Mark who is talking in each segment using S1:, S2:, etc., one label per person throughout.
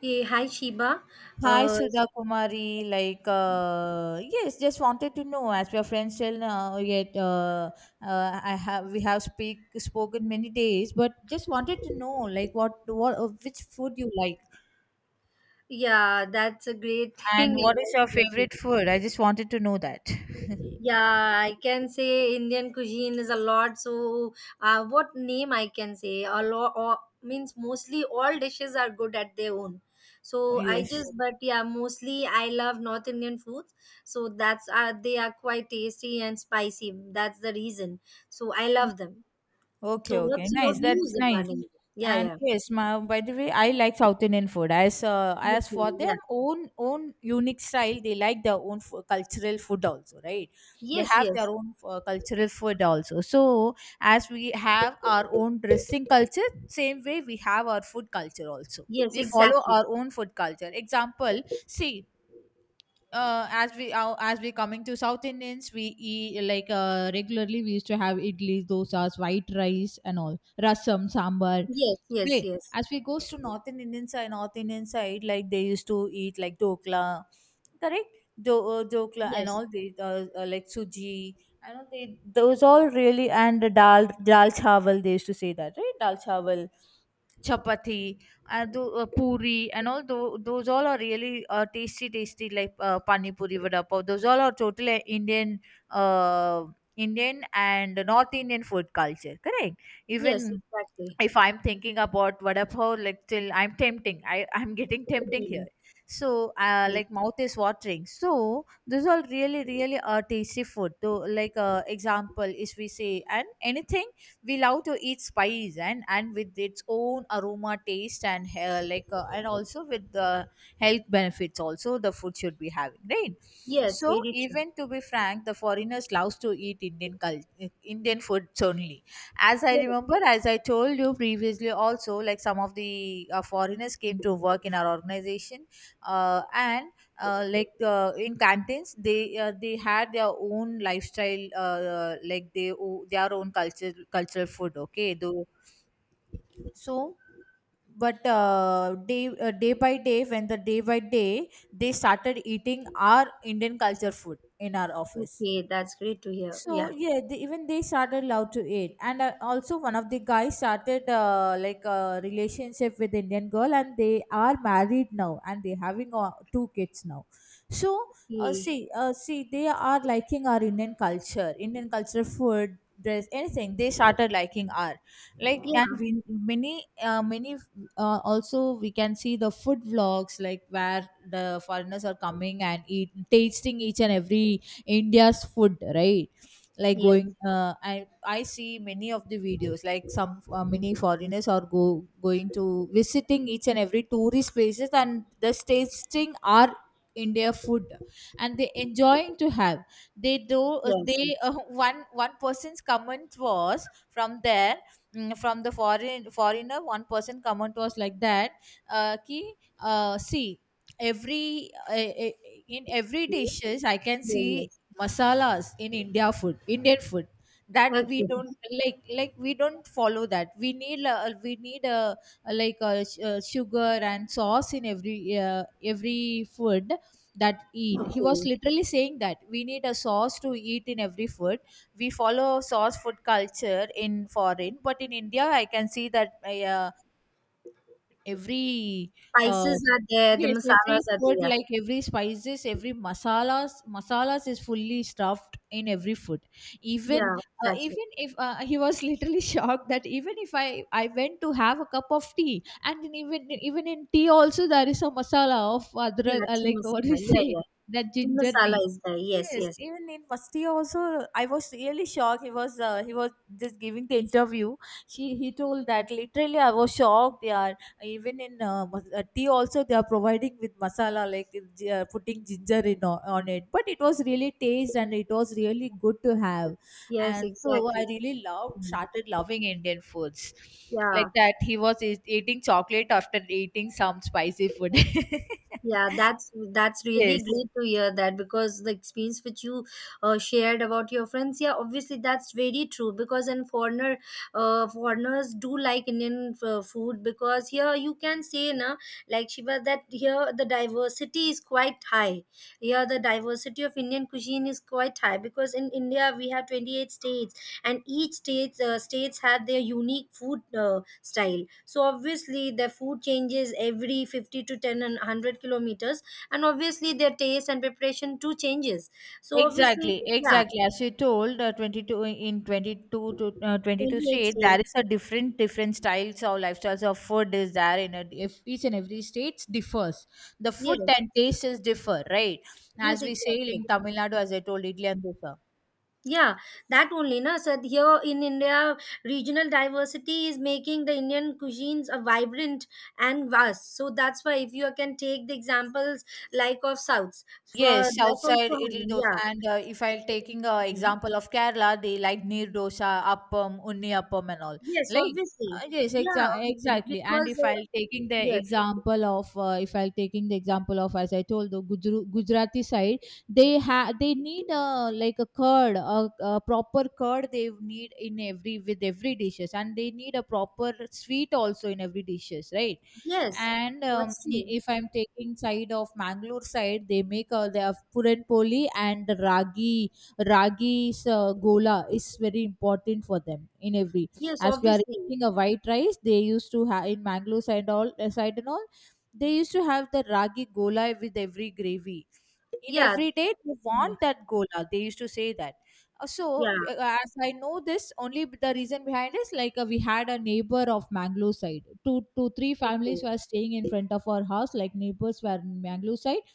S1: Hey, hi Sheba.
S2: Hi
S1: Uh,
S2: Sudha Kumari, like yes, just wanted to know as we are friends till now. Yet I have we have speak spoken many days, but just wanted to know like what which food you like,
S1: yeah, that's a great thing.
S2: and what is your favorite food. I just wanted to know that.
S1: Yeah, I can say Indian cuisine is a lot. So, what name I can say? A lot or, means mostly all dishes are good at their own. So I
S2: Yes.
S1: just, but yeah, mostly I love North Indian foods. So that's they are quite tasty and spicy. That's the reason. So I love them.
S2: Okay,
S1: So
S2: okay.
S1: what's your
S2: Nice.
S1: views
S2: That's nice.
S1: regarding? It? Yeah,
S2: And
S1: yeah.
S2: yes, my, by the way, I like South Indian food. As for
S1: Okay, yeah.
S2: their own unique style, they like their own cultural food also, right? They
S1: Yes,
S2: have their
S1: yes.
S2: own cultural food also. So as we have our own dressing culture, same way we have our food culture also.
S1: Yes,
S2: We follow
S1: exactly.
S2: our own food culture. Example, see as we coming to South Indians, we eat like regularly. We used to have idlis, dosas, white rice, and all rasam, sambar.
S1: Yes, yes,
S2: Great.
S1: yes,
S2: As we goes to North Indian side, like they used to eat like dokla, correct? Dokla and
S1: yes,
S2: all they like suji. I know they those all really, and dal chawal. They used to say that, right? Dal chawal chapati and the puri and all those all are really tasty, like pani puri, vada pav. Those all are totally Indian, uh, Indian and North Indian food culture, correct?
S1: yes,
S2: Even
S1: exactly.
S2: if I'm thinking about vada pav, like till I'm tempting, I'm getting tempting
S1: Really.
S2: here. So,
S1: Yes,
S2: like mouth is watering. So these are really a tasty food. So, like example is we say, and anything we love to eat spice, and with its own aroma, taste and and also with the health benefits also the food should be having, right?
S1: yes,
S2: So
S1: very true.
S2: even to be frank, the foreigners loves to eat Indian food only. As I
S1: Yes.
S2: remember, as I told you previously also, like some of the foreigners came to work in our organization, and like in canteens they had their own lifestyle, like they their own culture cultural food, okay though. So but day by day, they started eating our Indian culture food in our office.
S1: Okay, that's great to hear.
S2: So
S1: Yeah,
S2: yeah, they, even they started love to it, and also one of the guys started like a relationship with Indian girl, and they are married now, and they having two kids now. So
S1: he,
S2: see, they are liking our Indian culture, food, dress, anything. They started liking our, like, and
S1: yeah,
S2: we many, also we can see the food vlogs like where the foreigners are coming and eat tasting each and every India's food, right? Like
S1: yes,
S2: going I see many of the videos, like some many foreigners are go going to visiting each and every tourist places and the tasting our India food, and they enjoying to have they do.
S1: yes,
S2: They One person's comment was from there, from the foreigner. One person comment was like that, uh, ki, uh, see, every in every
S1: yes,
S2: dishes I can
S1: yes, yes,
S2: see
S1: yes.
S2: masalas in Indian food, that we
S1: Okay,
S2: don't, like we don't follow that. We need, we need a, sugar and sauce in every, every food. That, eat, he was
S1: okay.
S2: literally saying that we need a sauce to eat in every food. We follow sauce food culture in foreign, but in India I can see that, uh, every uh,
S1: Spices are there, the
S2: yes, every
S1: masalas are
S2: food,
S1: there.
S2: like every spices, every masalas, masalas is fully stuffed in every food. Even,
S1: Yeah, exactly.
S2: even if he was literally shocked that even if I went to have a cup of tea, and in even in tea also there is a masala of other,
S1: Yeah, tea
S2: like, what
S1: masala.
S2: we
S1: Yeah,
S2: say,
S1: yeah.
S2: that
S1: Tea
S2: ginger
S1: masala
S2: tea.
S1: is there. Yes,
S2: Yes,
S1: yes,
S2: even in Musti also, I was really shocked. He was just giving the interview. He told that literally I was shocked. Yeah, even in tea also they are providing with masala, like putting ginger in on it, but it was really taste and it was really good to have.
S1: yes,
S2: And so I
S1: exactly.
S2: really loved
S1: Mm.
S2: started loving Indian foods,
S1: Yeah.
S2: like that he was eating chocolate after eating some spicy food.
S1: Yeah, that's really
S2: Yes,
S1: great to hear that, because the experience which you shared about your friends, yeah, obviously that's very true, because in foreigner, foreigners do like Indian f- food, because here you can say na, like Shiva, that here the diversity is quite high. Here the diversity of Indian cuisine is quite high, because in India we have 28 states, and each states states have their unique food style, so obviously their food changes every 50 to 10 and 100 kilometers, and obviously their taste and preparation too changes, so obviously
S2: exactly,
S1: yeah,
S2: exactly. As you told, 22 in 22 to 22
S1: 28
S2: state, there
S1: states.
S2: is a different styles or lifestyles of food is there in a, if each and every state differs. The food
S1: Yes,
S2: and tastes differ, right?
S1: yes,
S2: As we say
S1: exactly,
S2: in Tamil Nadu, as I told, idli and dosa.
S1: yeah, that only na. So here in India, regional diversity is making the Indian cuisines a vibrant and vast, so that's why, if you can take the examples like of souths, for
S2: Yes, South
S1: that
S2: side
S1: also.
S2: idli dosa,
S1: Yeah.
S2: and if I'm taking a
S1: Mm-hmm.
S2: example of Kerala, they like neer dosa, appam, unni appam, and all.
S1: Yes,
S2: Like,
S1: obviously.
S2: yes,
S1: Yeah, obviously.
S2: exactly. And
S1: Because,
S2: if I'm taking the
S1: yes,
S2: example of, if I'm taking the example of, as I told, the Gujarati side, they have they need a, like a curd, a proper curd they need in every, with every dishes, and they need a proper sweet also in every dishes, right?
S1: yes,
S2: And
S1: that's
S2: I-
S1: true.
S2: if I'm taking side of Mangalore side, they make, they have puran poli and ragi's gola is very important for them in every,
S1: Yes,
S2: as we are
S1: obviously.
S2: eating a white rice, they used to have in Mangalore side, all side and all, they used to have the ragi gola with every gravy. In
S1: Yeah,
S2: every day they
S1: yeah,
S2: want that gola, they used to say that. uh, So,
S1: yeah.
S2: b- uh, as I know this, only the reason behind is like, we had a neighbor of Mangalore side. Two, two, three
S1: Okay,
S2: families were staying in front of our house. Like neighbors were in Mangalore side.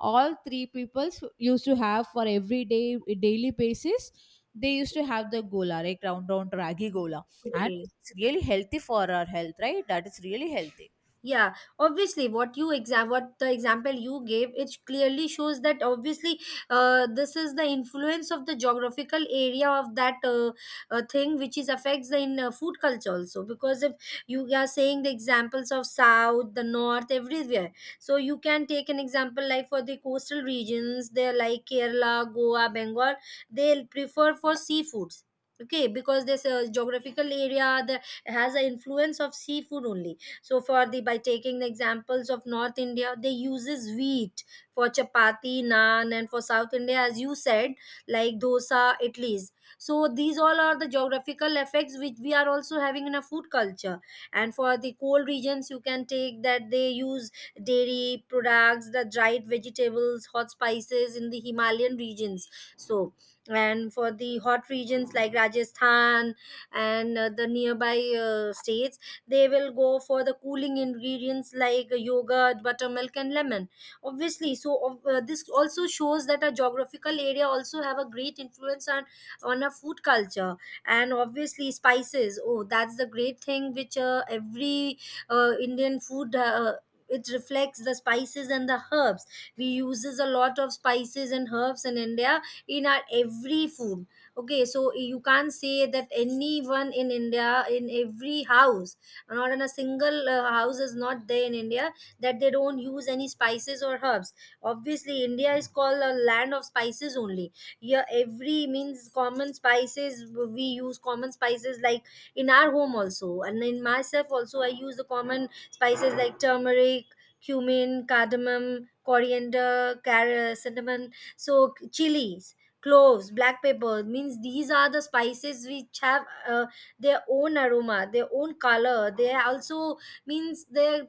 S2: All three peoples used to have, for every day, daily basis. They used to have the gola, like round, ragi gola, and
S1: okay.
S2: it's really healthy for our health, right? That is really healthy.
S1: Yeah, obviously, what the example you gave, it clearly shows that obviously, this is the influence of the geographical area of that, thing which is affects the in food culture also, because if you are saying the examples of south, the north, everywhere. So you can take an example like, for the coastal regions, they're like Kerala, Goa, Bengal, they prefer for seafoods. Okay, because this geographical area, the, has an influence of seafood only. So for the, by taking the examples of North India, they uses wheat for chapati, naan, and for South India, as you said, like dosa, idlis. So these all are the geographical effects which we are also having in a food culture. And for the cold regions, you can take that they use dairy products, the dried vegetables, hot spices in the Himalayan regions. So, and for the hot regions like Rajasthan, and the nearby states, they will go for the cooling ingredients like yogurt, buttermilk, and lemon. Obviously, this also shows that a geographical area also have a great influence on a food culture. And obviously spices, oh, that's the great thing which every Indian food, it reflects the spices and the herbs. We uses a lot of spices and herbs in India, in our every food. Okay, so you can't say that anyone in India, in every house, not in a single house is not there in India, that they don't use any spices or herbs. Obviously India is called a land of spices only. Here every, means common spices, we use common spices like, in our home also, and in myself also, I use the common spices like turmeric, cumin, cardamom, coriander, carrot, cinnamon, so chilies, cloves, black pepper. Means these are the spices which have their own aroma, their own color. They also, means they,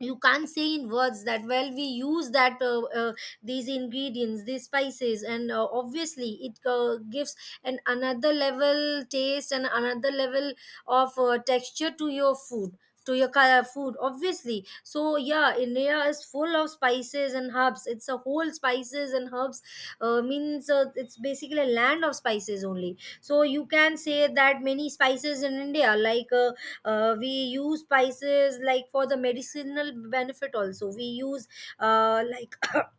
S1: you can't say in words that well we use that these ingredients, these spices. And obviously it gives an another level taste and another level of texture to your food, to your food, obviously. So yeah, India is full of spices and herbs, it's a whole spices and herbs, means it's basically a land of spices only. So you can say that many spices in India, like we use spices like for the medicinal benefit also. We use like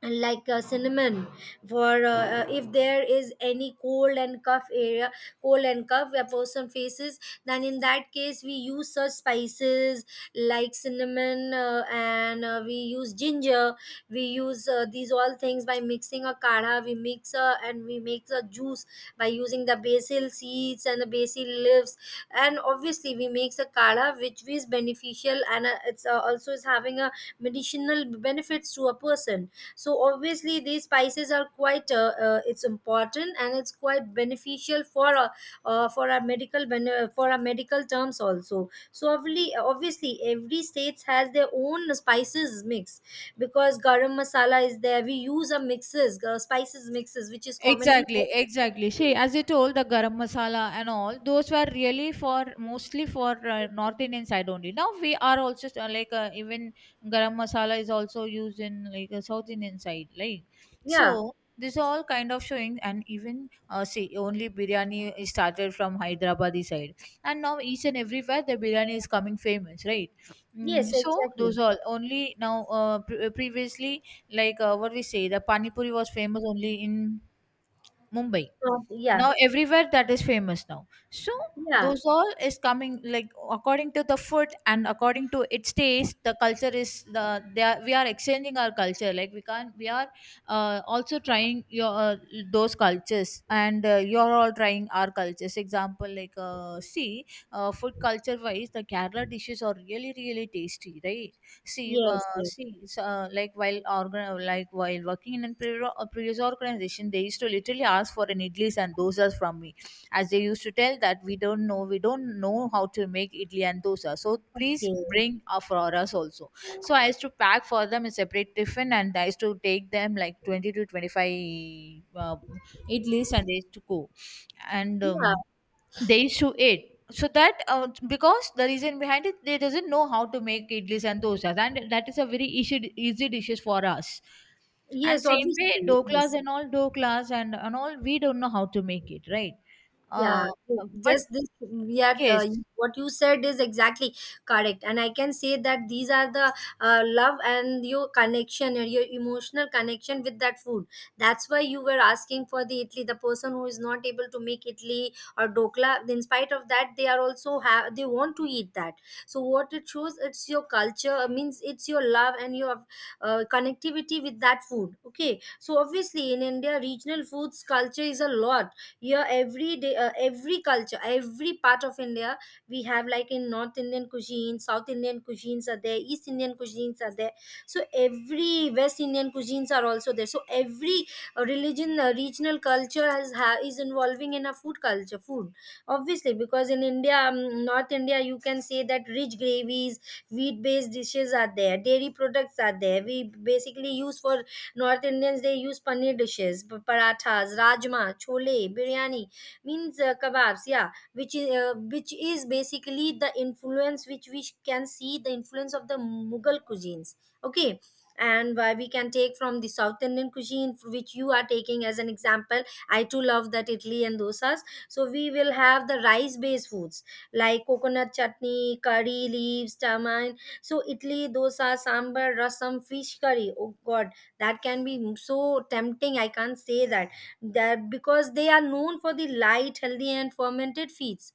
S1: and like cinnamon for if there is any cold and cough where person faces, then in that case we use such spices like cinnamon, and we use ginger, we use these all things by mixing a kadha. We mix and we make a juice by using the basil seeds and the basil leaves, and obviously we make a kadha which is beneficial, and it's also is having a medicinal benefits to a person. So obviously these spices are quite it's important, and it's quite beneficial for, for our medical terms also. So obviously, obviously every states has their own spices mix, because garam masala is there. We use a mixes spices mixes which is commonly called-
S2: Exactly, exactly. See, as you told, the garam masala and all those were really for, mostly for North Indian side only. Now we are also even garam masala is also used in, like South Indian side, like
S1: yeah,
S2: so. This all kind of showing, and even see, only biryani is started from Hyderabadi side, and now each and everywhere the biryani is coming famous, right?
S1: yes,
S2: Mm, so
S1: exactly.
S2: those all only now, previously, like what we say, the pani puri was famous only in Mumbai.
S1: Yeah,
S2: Now everywhere that is famous now. So
S1: yeah,
S2: those all is coming like according to the food and according to its taste. The culture is, the they are, we are exchanging our culture, like we can't, we are also trying your, those cultures, and you're all trying our cultures. Example, like see, food culture wise the kerala dishes are really really tasty right See,
S1: yes, yes,
S2: like while like while working in a a previous organization, they used to literally ask for an idlis and dosas from me, as they used to tell that we don't know how to make idli and dosa, so please
S1: okay,
S2: bring for us also. So I used to pack for them a separate tiffin, and I used to take them like 20 to 25 idlis, and they used to go, and.
S1: yeah,
S2: They used to eat so that, because the reason behind it, they doesn't know how to make idlis and dosas, and that is a very easy dishes for us. And
S1: yes,
S2: same
S1: obviously,
S2: way doklas
S1: yes.
S2: and all, doklas and all, we don't know how to make it, right? uh,
S1: Yeah,
S2: but
S1: just this, yet
S2: yes,
S1: what you said is exactly correct, and I can say that these are the love and your connection and your emotional connection with that food. That's why you were asking for the Italy. The person who is not able to make Italy or Dokla, in spite of that, they are also have, they want to eat that. So what it shows, it's your culture. Means it's your love and your connectivity with that food. Okay, so obviously in India, regional foods culture is a lot here, every day, every culture, every part of India, we have, like in North Indian cuisine, South Indian cuisines are there, East Indian cuisines are there. So every West Indian cuisines are also there. So every regional culture is involving in a food culture, food, obviously, because in India, North India, you can say that rich gravies, wheat based dishes are there, dairy products are there. We basically use for North Indians, they use paneer dishes, parathas, rajma, chole, biryani, means kebabs. Yeah, which is which is basically the influence, which we can see the influence of the Mughal cuisines. Okay. And why we can take from the South Indian cuisine, which you are taking as an example. I too love that Italy and dosas. So we will have the rice-based foods like coconut chutney, curry leaves, tamarind. So Italy, dosa, sambar, rasam, fish curry. Oh God, that can be so tempting, I can't say that, that, because they are known for the light, healthy and fermented feeds,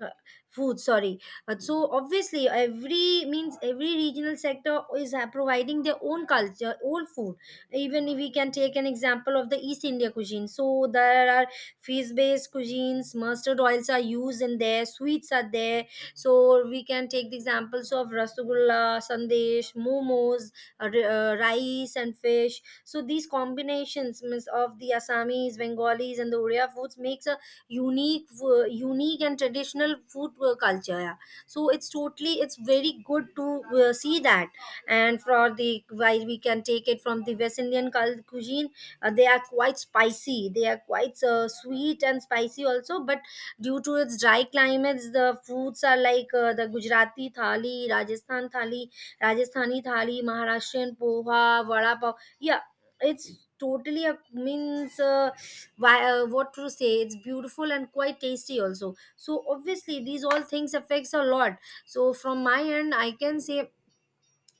S1: uh, food, sorry. So obviously every, means every regional sector is providing their own culture, own food. Even if we can take an example of the east India cuisine, so there are fish based cuisines, mustard oils are used in there, sweets are there. So we can take the examples of rasgulla, sandesh, momos, rice and fish. So these combinations means, of the Assamese, Bengalis and the Odia foods makes a unique unique and traditional food culture, yeah. So it's totally, it's very good to see that. And for the while, we can take it from the west Indian cuisine, they are quite spicy, they are quite sweet and spicy also, but due to its dry climates, the foods are like the Gujarati thali, Rajasthani thali, Maharashtrian poha, vada pav. Yeah, it's totally a, means what to say, it's beautiful and quite tasty also. So obviously these all things affects a lot. So from my end I can say,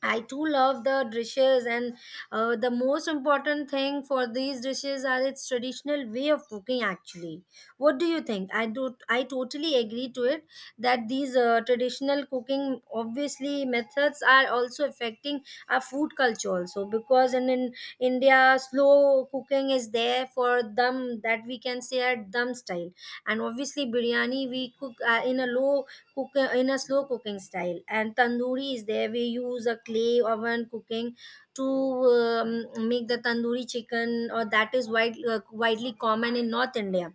S1: I too love the dishes, and the most important thing for these dishes are its traditional way of cooking. Actually, what do you think? I do. I totally agree to it, that these traditional cooking, obviously, methods are also affecting our food culture also, because in India, slow cooking is there for them, that we can say at dum style, and obviously biryani we cook cook in a slow cooking style, and tandoori is there, we use a clay oven cooking to, um, make the tandoori chicken, or that is widely common in north India.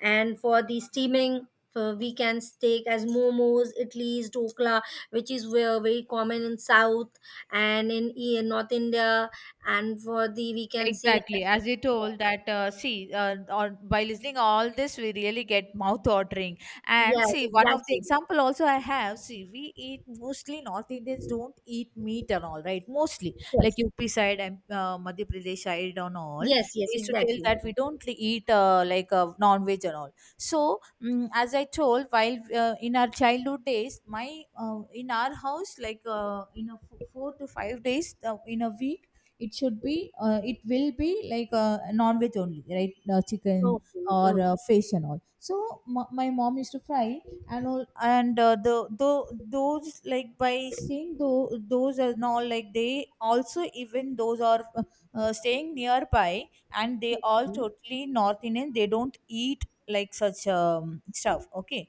S1: And for the steaming, we can take as momos, idlis, dokla, which is where very common in south and in north India. And for the, we can say,
S2: exactly, as you told that, see, or by listening all this, we really get mouth watering. And
S1: yes,
S2: see, one of the
S1: exactly,
S2: example also I have, see, we eat, mostly North Indians don't eat meat and all, right? Mostly, like
S1: yes,
S2: UP side and Madhya Pradesh side and all,
S1: yes, yes,
S2: they used to tell
S1: exactly,
S2: that we don't eat, like non-veg and all. As I told, while in our childhood days, my in our house, in a 4 to 5 days in a week it should be it will be non-veg only, right? Chicken
S1: okay,
S2: or
S1: okay,
S2: fish and all. So my mom used to fry and all. And the those, like, by seeing those and all, like they also, even those are staying nearby, and they all
S1: okay,
S2: totally North Indian, they don't eat like such stuff. Okay,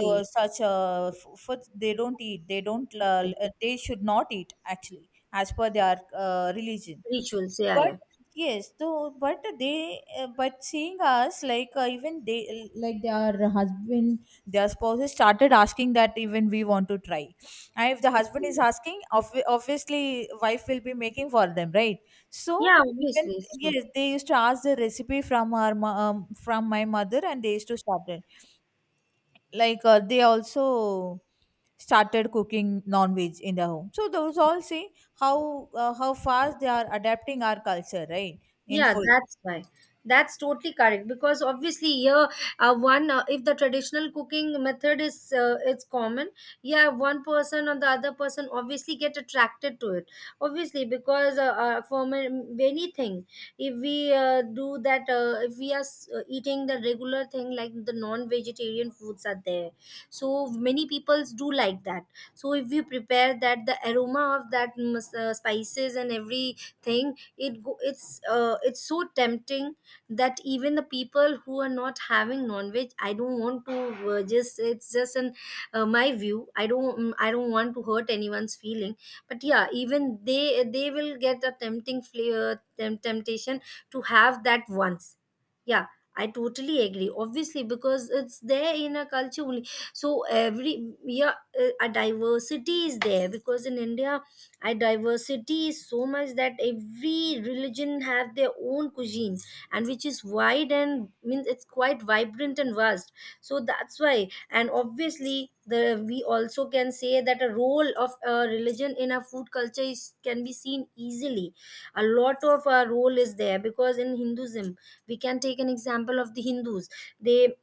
S2: the such food they don't eat, they don't they should not eat actually, as per their religion.
S1: rituals. Yeah,
S2: But
S1: yeah.
S2: yes, though, but they but seeing us, like even they, like their husband, their spouses started asking that even we want to try. And if the husband is asking, obviously wife will be making for them, right? So
S1: Yeah,
S2: even
S1: obviously, it's true.
S2: yes, they used to ask the recipe from our from my mother, and they used to start it. They also started cooking non-veg in their home. So those all, see how fast they are adapting our culture, right? In
S1: Yeah,
S2: food.
S1: that's why. That's totally correct, because obviously here, one if the traditional cooking method is it's common, yeah, one person or the other person obviously get attracted to it. Obviously because for many thing, if we do that, if we are eating the regular thing like the non-vegetarian foods are there, so many peoples do like that. So if we prepare that, the aroma of that spices and everything it's so tempting that even the people who are not having non-veg, I don't want to just it's just an my view. I don't I don't want to hurt anyone's feeling, but yeah, even they will get a tempting flavor, temptation to have that once. Yeah, I totally agree, obviously, because it's there in a culture only. So every, yeah, a diversity is there because in India, and diversity is so much that every religion have their own cuisine, and which is wide and means it's quite vibrant and vast. So that's why, and obviously the we also can say that a role of a religion in a food culture is, can be seen easily. A lot of our role is there because in Hinduism we can take an example of the Hindus. They,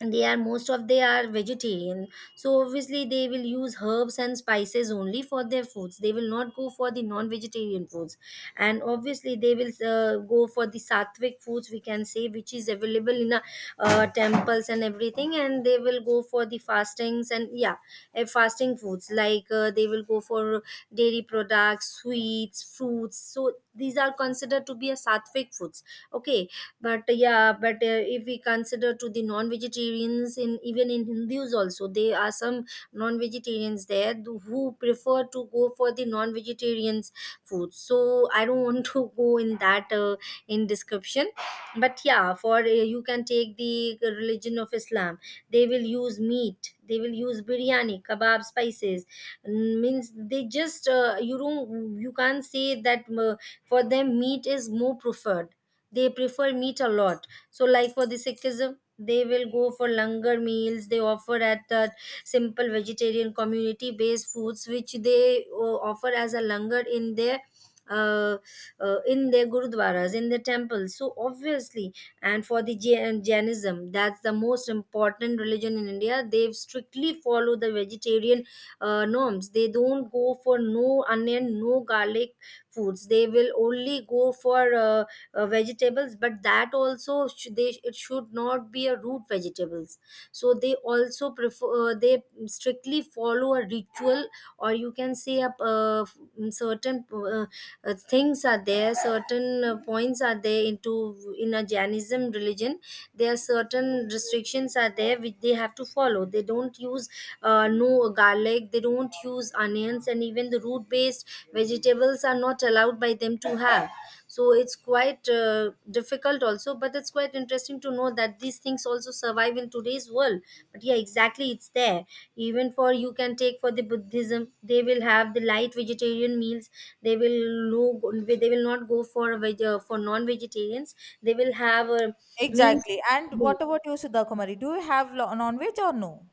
S1: and they are most of, they are vegetarian, so obviously they will use herbs and spices only for their foods. They will not go for the non vegetarian foods, and obviously they will go for the sattvic foods, we can say, which is available in a, temples and everything, and they will go for the fastings. And yeah, fasting foods like they will go for dairy products, sweets, fruits. So these are considered to be a sattvic foods. Okay. But yeah, but if we consider to the non-vegetarians, in even in Hindus also there are some non-vegetarians there, who prefer to go for the non-vegetarians food. So I don't want to go in that in description. But yeah, for you can take the religion of Islam. They will use meat, they will use biryani, kebab, spices. Mm, means they just you don't, you can't say that for them meat is more preferred. They prefer meat a lot. So like for the Sikhism, they will go for langar meals. They offer at the simple vegetarian community based foods which they offer as a langar uh, in their gurudwaras, in their temples. So obviously, and for the Jainism, that's the most important religion in India. They strictly follow the vegetarian norms. They don't go for no onion, no garlic foods. They will only go for vegetables, but that also they, it should not be a root vegetables. So they also prefer they strictly follow a ritual, or you can say a certain things are there, certain points are there into in a Jainism religion. There are certain restrictions are there which they have to follow. They don't use no garlic, they don't use onions, and even the root based vegetables are not allowed by them to have. So it's quite difficult also, but it's quite interesting to know that these things also survive in today's world. But yeah, exactly, it's there. Even for, you can take for the Buddhism, they will have the light vegetarian meals. They will, no, they will not go for veg, for non vegetarians. They will have meals.
S2: Exactly, and
S1: No,
S2: what about you, Sudha Kumari? Do you have non-veg or no?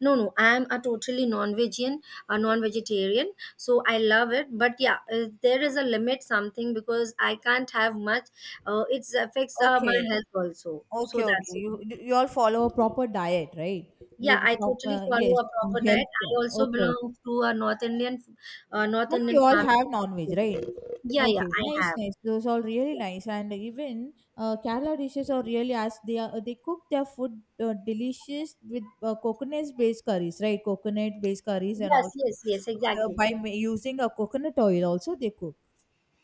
S1: no, no. I'm a totally non-vegan, a non-vegetarian, so I love it. But yeah, there is a limit something because I can't have much. It affects my
S2: Okay.
S1: health also. So
S2: Okay, okay,
S1: that's it.
S2: you all follow a proper diet, right?
S1: Yeah,
S2: Like
S1: I
S2: from,
S1: totally follow
S2: yes,
S1: a proper diet.
S2: health
S1: I
S2: care.
S1: also
S2: Okay, okay.
S1: belong to a North Indian, North
S2: But we
S1: Indian
S2: all have non-veg,
S1: family.
S2: right?
S1: Yeah, yeah,
S2: Okay,
S1: I
S2: nice,
S1: have.
S2: nice. Those are really nice, and even Kerala dishes are really as they are. They cook their food delicious with coconut-based curries, right? Coconut-based curries, and
S1: Yes,
S2: also
S1: yes, yes, exactly.
S2: using a coconut oil, also they cook.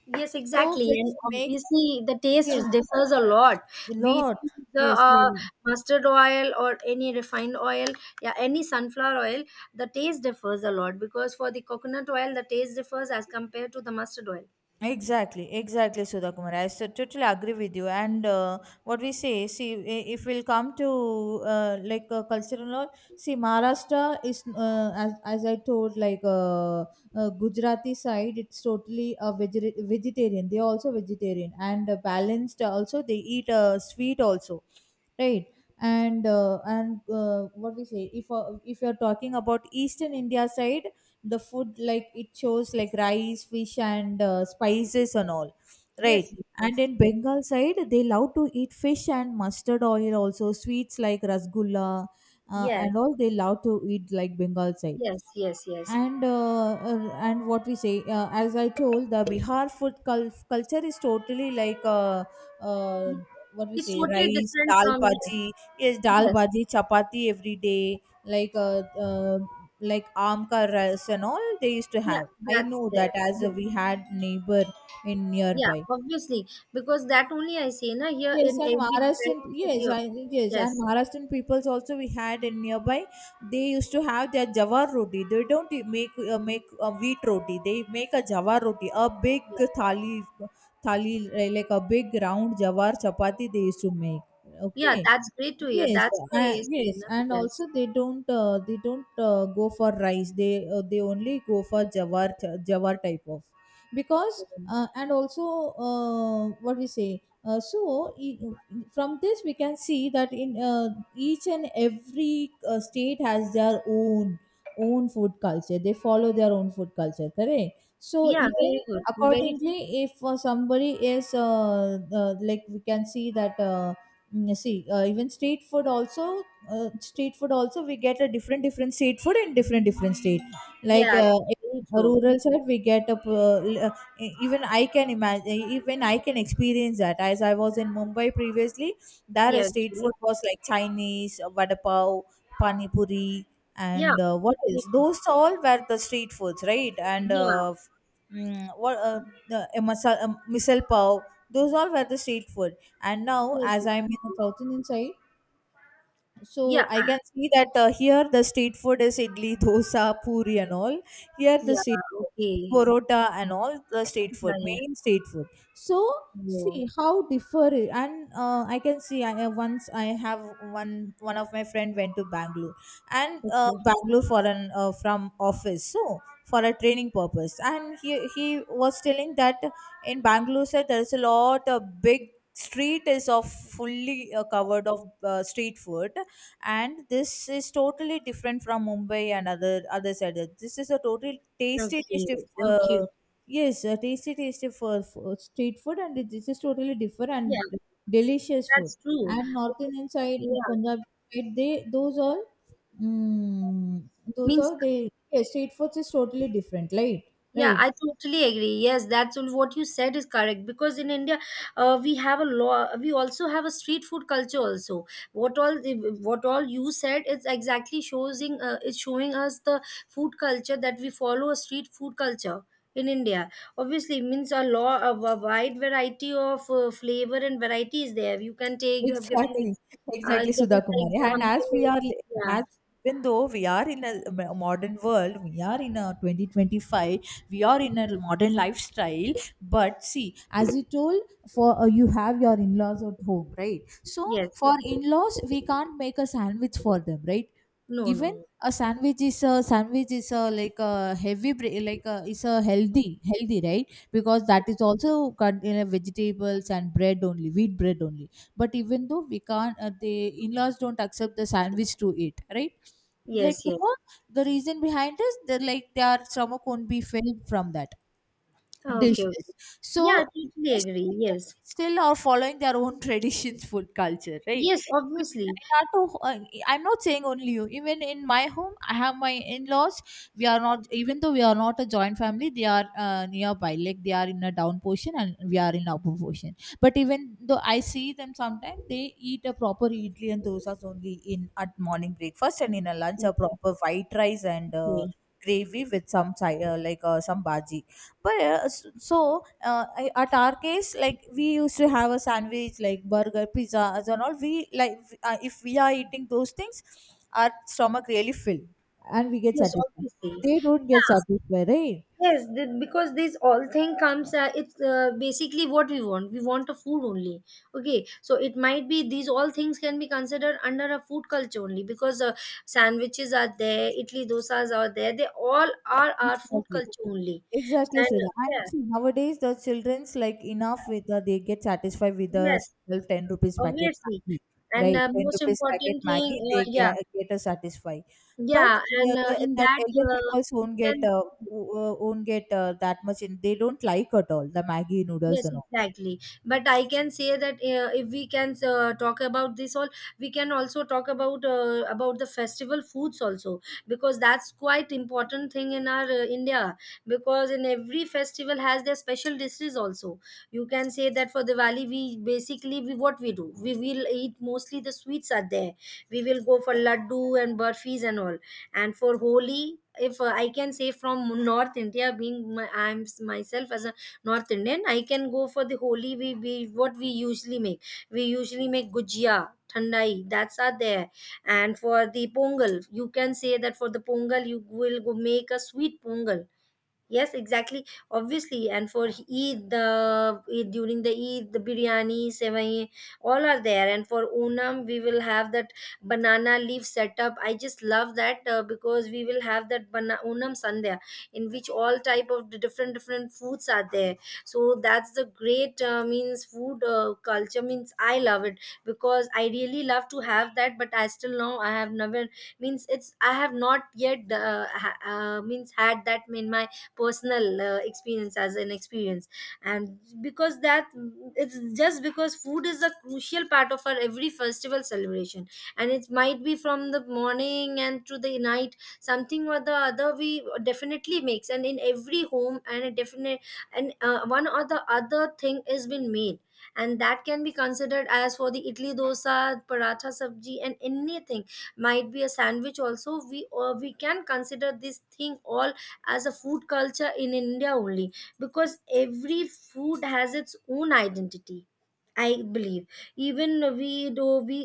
S1: Yes,
S2: So
S1: exactly,
S2: which
S1: and
S2: makes,
S1: obviously the taste is-
S2: yes,
S1: differs a lot.
S2: a
S1: We
S2: lot.
S1: feel the
S2: Yes, really.
S1: mustard oil or any refined oil, yeah, any sunflower oil, the taste differs a lot because for the coconut oil, the taste differs as compared to the mustard oil.
S2: Exactly, exactly, Sudha Kumar. I so totally agree with you. And what we say, see, if we'll come to cultural, or see, Maharashtra is, as I told, Gujarati side, it's totally a vegetarian. They are also vegetarian and balanced. Also, they eat sweet also, right? And what we say, if you're talking about Eastern India side, the food, like it shows, like rice, fish and spices and all,
S1: Yes,
S2: right? And
S1: yes,
S2: in
S1: yes,
S2: Bengal side they love to eat fish and mustard oil, also sweets like rasgulla
S1: yes,
S2: and all. They love to eat like Bengal side.
S1: yes, yes, yes.
S2: And and what we say, as I told, the Bihar food culture is totally uh, what we
S1: It's
S2: say,
S1: totally
S2: rice,
S1: different
S2: dal,
S1: from, yes,
S2: bhaji, yes, dal,
S1: yes.
S2: bhaji, chapati every day, uh, like aam ka rice and all they used to
S1: Yeah,
S2: have. I
S1: that's
S2: know
S1: there.
S2: that, as
S1: Yeah,
S2: we had neighbor in
S1: yeah,
S2: nearby.
S1: obviously, because that only I say na, here
S2: Yes,
S1: in
S2: and
S1: every
S2: Maharashtrian,
S1: diversity
S2: yes,
S1: of,
S2: I, yes, and
S1: yes,
S2: Maharashtrian peoples also we had in nearby. They used to have their jawar roti. They don't make make a wheat roti. They make a jawar roti, a big
S1: yeah.
S2: thali, thali, like a big round jawar chapati they used to make.
S1: Yeah,
S2: Okay,
S1: that's great to hear.
S2: yes,
S1: That's why, yes, you.
S2: yes, and
S1: Yes.
S2: also they don't go for rice. They only go for jawar jawar type of, because and also what we say. From this we can see that in each and every state has their own own food culture. They follow their own food culture, correct? So
S1: Yeah,
S2: even
S1: very good. Very true.
S2: accordingly, if somebody is like we can see that. See even street food also, street food also, we get a different different street food in different different state. In a rural side we get a even I can imagine, even I can experience that, as I was in Mumbai previously, there
S1: Yeah,
S2: is street
S1: very true.
S2: food was like Chinese, vada pav, pani puri,
S1: Yeah,
S2: and
S1: okay.
S2: what
S1: Yeah, very
S2: else,
S1: true.
S2: those all were the street foods, right? And
S1: Yeah,
S2: f- mm, what the, masal, misal pav, those all were the street food. And now,
S1: yes,
S2: as
S1: yes,
S2: I'm
S1: yes,
S2: in a
S1: yes.
S2: thousand inside,
S1: Yeah,
S2: so I can see that here the street food is idli, dosa, puri, and all. Here the
S1: yeah,
S2: street food,
S1: okay.
S2: porota, and all the street
S1: Yeah,
S2: food,
S1: yeah.
S2: main street food. So
S1: Oh,
S2: see how differ it. And I can see. I Once I have one of my friend went to Bangalore, and
S1: okay.
S2: Bangalore for an from office, so for a training purpose, and he was telling that in Bangalore said there is a lot of big street is of fully covered of street food, and this is totally different from Mumbai and other other side. This is a total tasty,
S1: Okay,
S2: tasty.
S1: okay.
S2: Uh, yes, a tasty, tasty for street food, and it, this is totally different and
S1: Yeah,
S2: delicious food.
S1: that's true.
S2: And North Indian side, in
S1: Yeah,
S2: Punjab side, they those all. mm, those
S1: means.
S2: are they, yeah, street foods is totally different, right?
S1: Yeah,
S2: Right.
S1: I totally agree. Yes, that's all- what you said is correct because in India, we have a law. We also have a street food culture also. What all what all you said is exactly showing is showing us the food culture that we follow, a street food culture in India. Obviously, means a law a wide variety of flavor and variety is there. You can take. You have given like,
S2: Exactly, exactly,
S1: given
S2: Sudha
S1: the
S2: Kumari. And
S1: example.
S2: as we are,
S1: Yeah.
S2: as even though we are in a modern world, we are in a 2025, we are in a modern lifestyle. But see, as you told, for you have your in-laws at home, right? So
S1: Yes.
S2: for in-laws, we can't make a sandwich for them, right?
S1: No. No.
S2: Even
S1: No.
S2: a sandwich is, a sandwich is a, like a heavy like a, is a healthy, healthy, right? Because that is also cut in a vegetables and bread only, wheat bread only. But even though, we can't the in-laws don't accept the sandwich to eat, right? Like,
S1: Yes. Yes. Yes.
S2: because the reason behind is, they're like, their stomach won't be filled from that
S1: Okay.
S2: dishes.
S1: Yeah, I
S2: So
S1: totally agree.
S2: yeah,
S1: Yes.
S2: they still are following their own traditions, food culture, right?
S1: Yes,
S2: Even
S1: obviously.
S2: in our two, I'm not saying only you. Even in my home, I have my in-laws. We are not, even though we are not a joint family, they are nearby. Like they are in a down portion and we are in upper portion. But even though I see them sometimes, they eat a proper idli and dosas only in at morning breakfast, and in a lunch a proper white rice and
S1: Okay.
S2: gravy with some chai, some bhaji. But at our case, like we used to have a sandwich like burger, pizza as and all. We like, if we are eating those things, our stomach really fill and we get
S1: Yes,
S2: satisfied.
S1: obviously.
S2: They don't get
S1: Yeah.
S2: satisfied, right?
S1: Yes, the, because this all thing comes, it's basically what we want. We want a food only. Okay. So it might be these all things can be considered under a food culture only because sandwiches are there, Italy dosas are there. They all are our food
S2: Exactly.
S1: culture only.
S2: Exactly,
S1: And
S2: Sudha. And see, nowadays the children's, like enough with the, they get satisfied with
S1: yeah,
S2: the
S1: yes,
S2: single 10 rupees packet
S1: obviously.
S2: Maggi,
S1: And
S2: right? 10
S1: most
S2: rupees packet
S1: important thing,
S2: Maggi, they
S1: yeah.
S2: get a satisfy. But
S1: Yeah,
S2: yeah,
S1: and in
S2: that
S1: that
S2: elder people
S1: you
S2: won't get
S1: can.
S2: won't get that much in. They don't like at all the Maggi noodles
S1: Yes,
S2: and all.
S1: exactly. But I can say that if we can talk about this all, we can also talk about the festival foods also, because that's quite important thing in our India, because in every festival has their special dishes also. You can say that for Diwali, we basically we what we do, we will eat mostly the sweets are there. We will go for laddu and burfis and all, and for Holi. If I can say from North India, being my, I'm myself as a North Indian, I can go for the Holi. We what we usually make, we usually make gujia, thandai, that's are there. And for the Pongal, you can say that for the Pongal, you will go make a sweet pongal. Yes, exactly. Obviously, and for Eid, the Eid- during the Eid, the biryani, sevai, all are there. And for Onam, we will have that banana leaf setup. I just love that because we will have that Onam sandhya, in which all type of the different different foods are there. So that's the great means food culture, means I love it, because I really love to have that. But I still know, I have never, means it's, I have not yet means had that in my personal experience as an experience. And because that, it's just because food is a crucial part of our every festival celebration. And it might be from the morning and to the night, something or the other we definitely makes, and in every home, and a definite, and one or the other thing is been made. And that can be considered as for the idli, dosa, paratha, sabji, and anything, might be a sandwich also, we, or we can consider this thing all as a food culture in India only, because every food has its own identity. I believe, even we do, we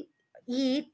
S1: eat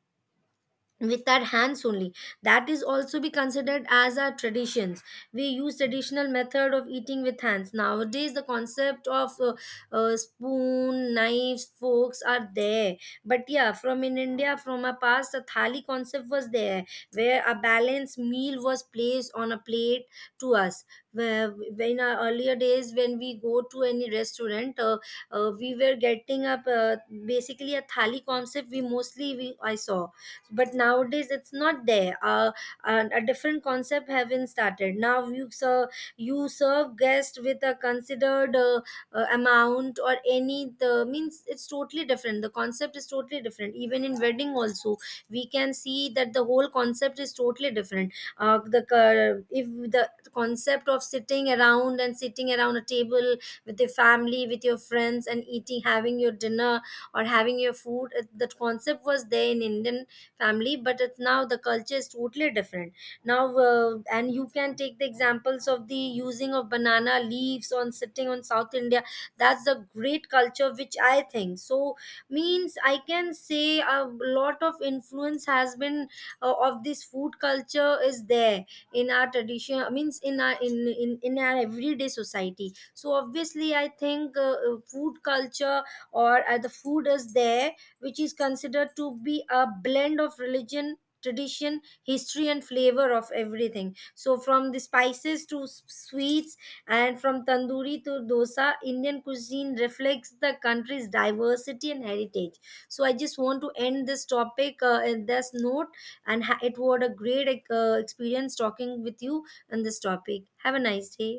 S1: with our hands only. That is also be considered as our traditions. We use traditional method of eating with hands. Nowadays the concept of spoon, knives, forks are there. But yeah, from in India, from our past, the thali concept was there, where a balanced meal was placed on a plate to us, where in our earlier days when we go to any restaurant, we were getting up basically a thali concept we mostly we, I saw. But nowadays it's not there, and a different concept have been started. Now you serve, you serve guest with a considered amount or any, the means it's totally different, the concept is totally different, even in wedding also we can see that the whole concept is totally different. If the concept of sitting around and sitting around a table with your family, with your friends, and eating, having your dinner or having your food, that concept was there in Indian family, but it's now the culture is totally different now. And you can take the examples of the using of banana leaves, on sitting on South India. That's the great culture, which I think so. Means I can say a lot of influence has been of this food culture is there in our tradition, means in our in, in our everyday society. So obviously I think food culture or the food is there, which is considered to be a blend of religion, tradition, history, and flavor of everything. So from the spices to sweets, and from tandoori to dosa, Indian cuisine reflects the country's diversity and heritage. So I just want to end this topic in this note. And it was a great experience talking with you on this topic. Have a nice day.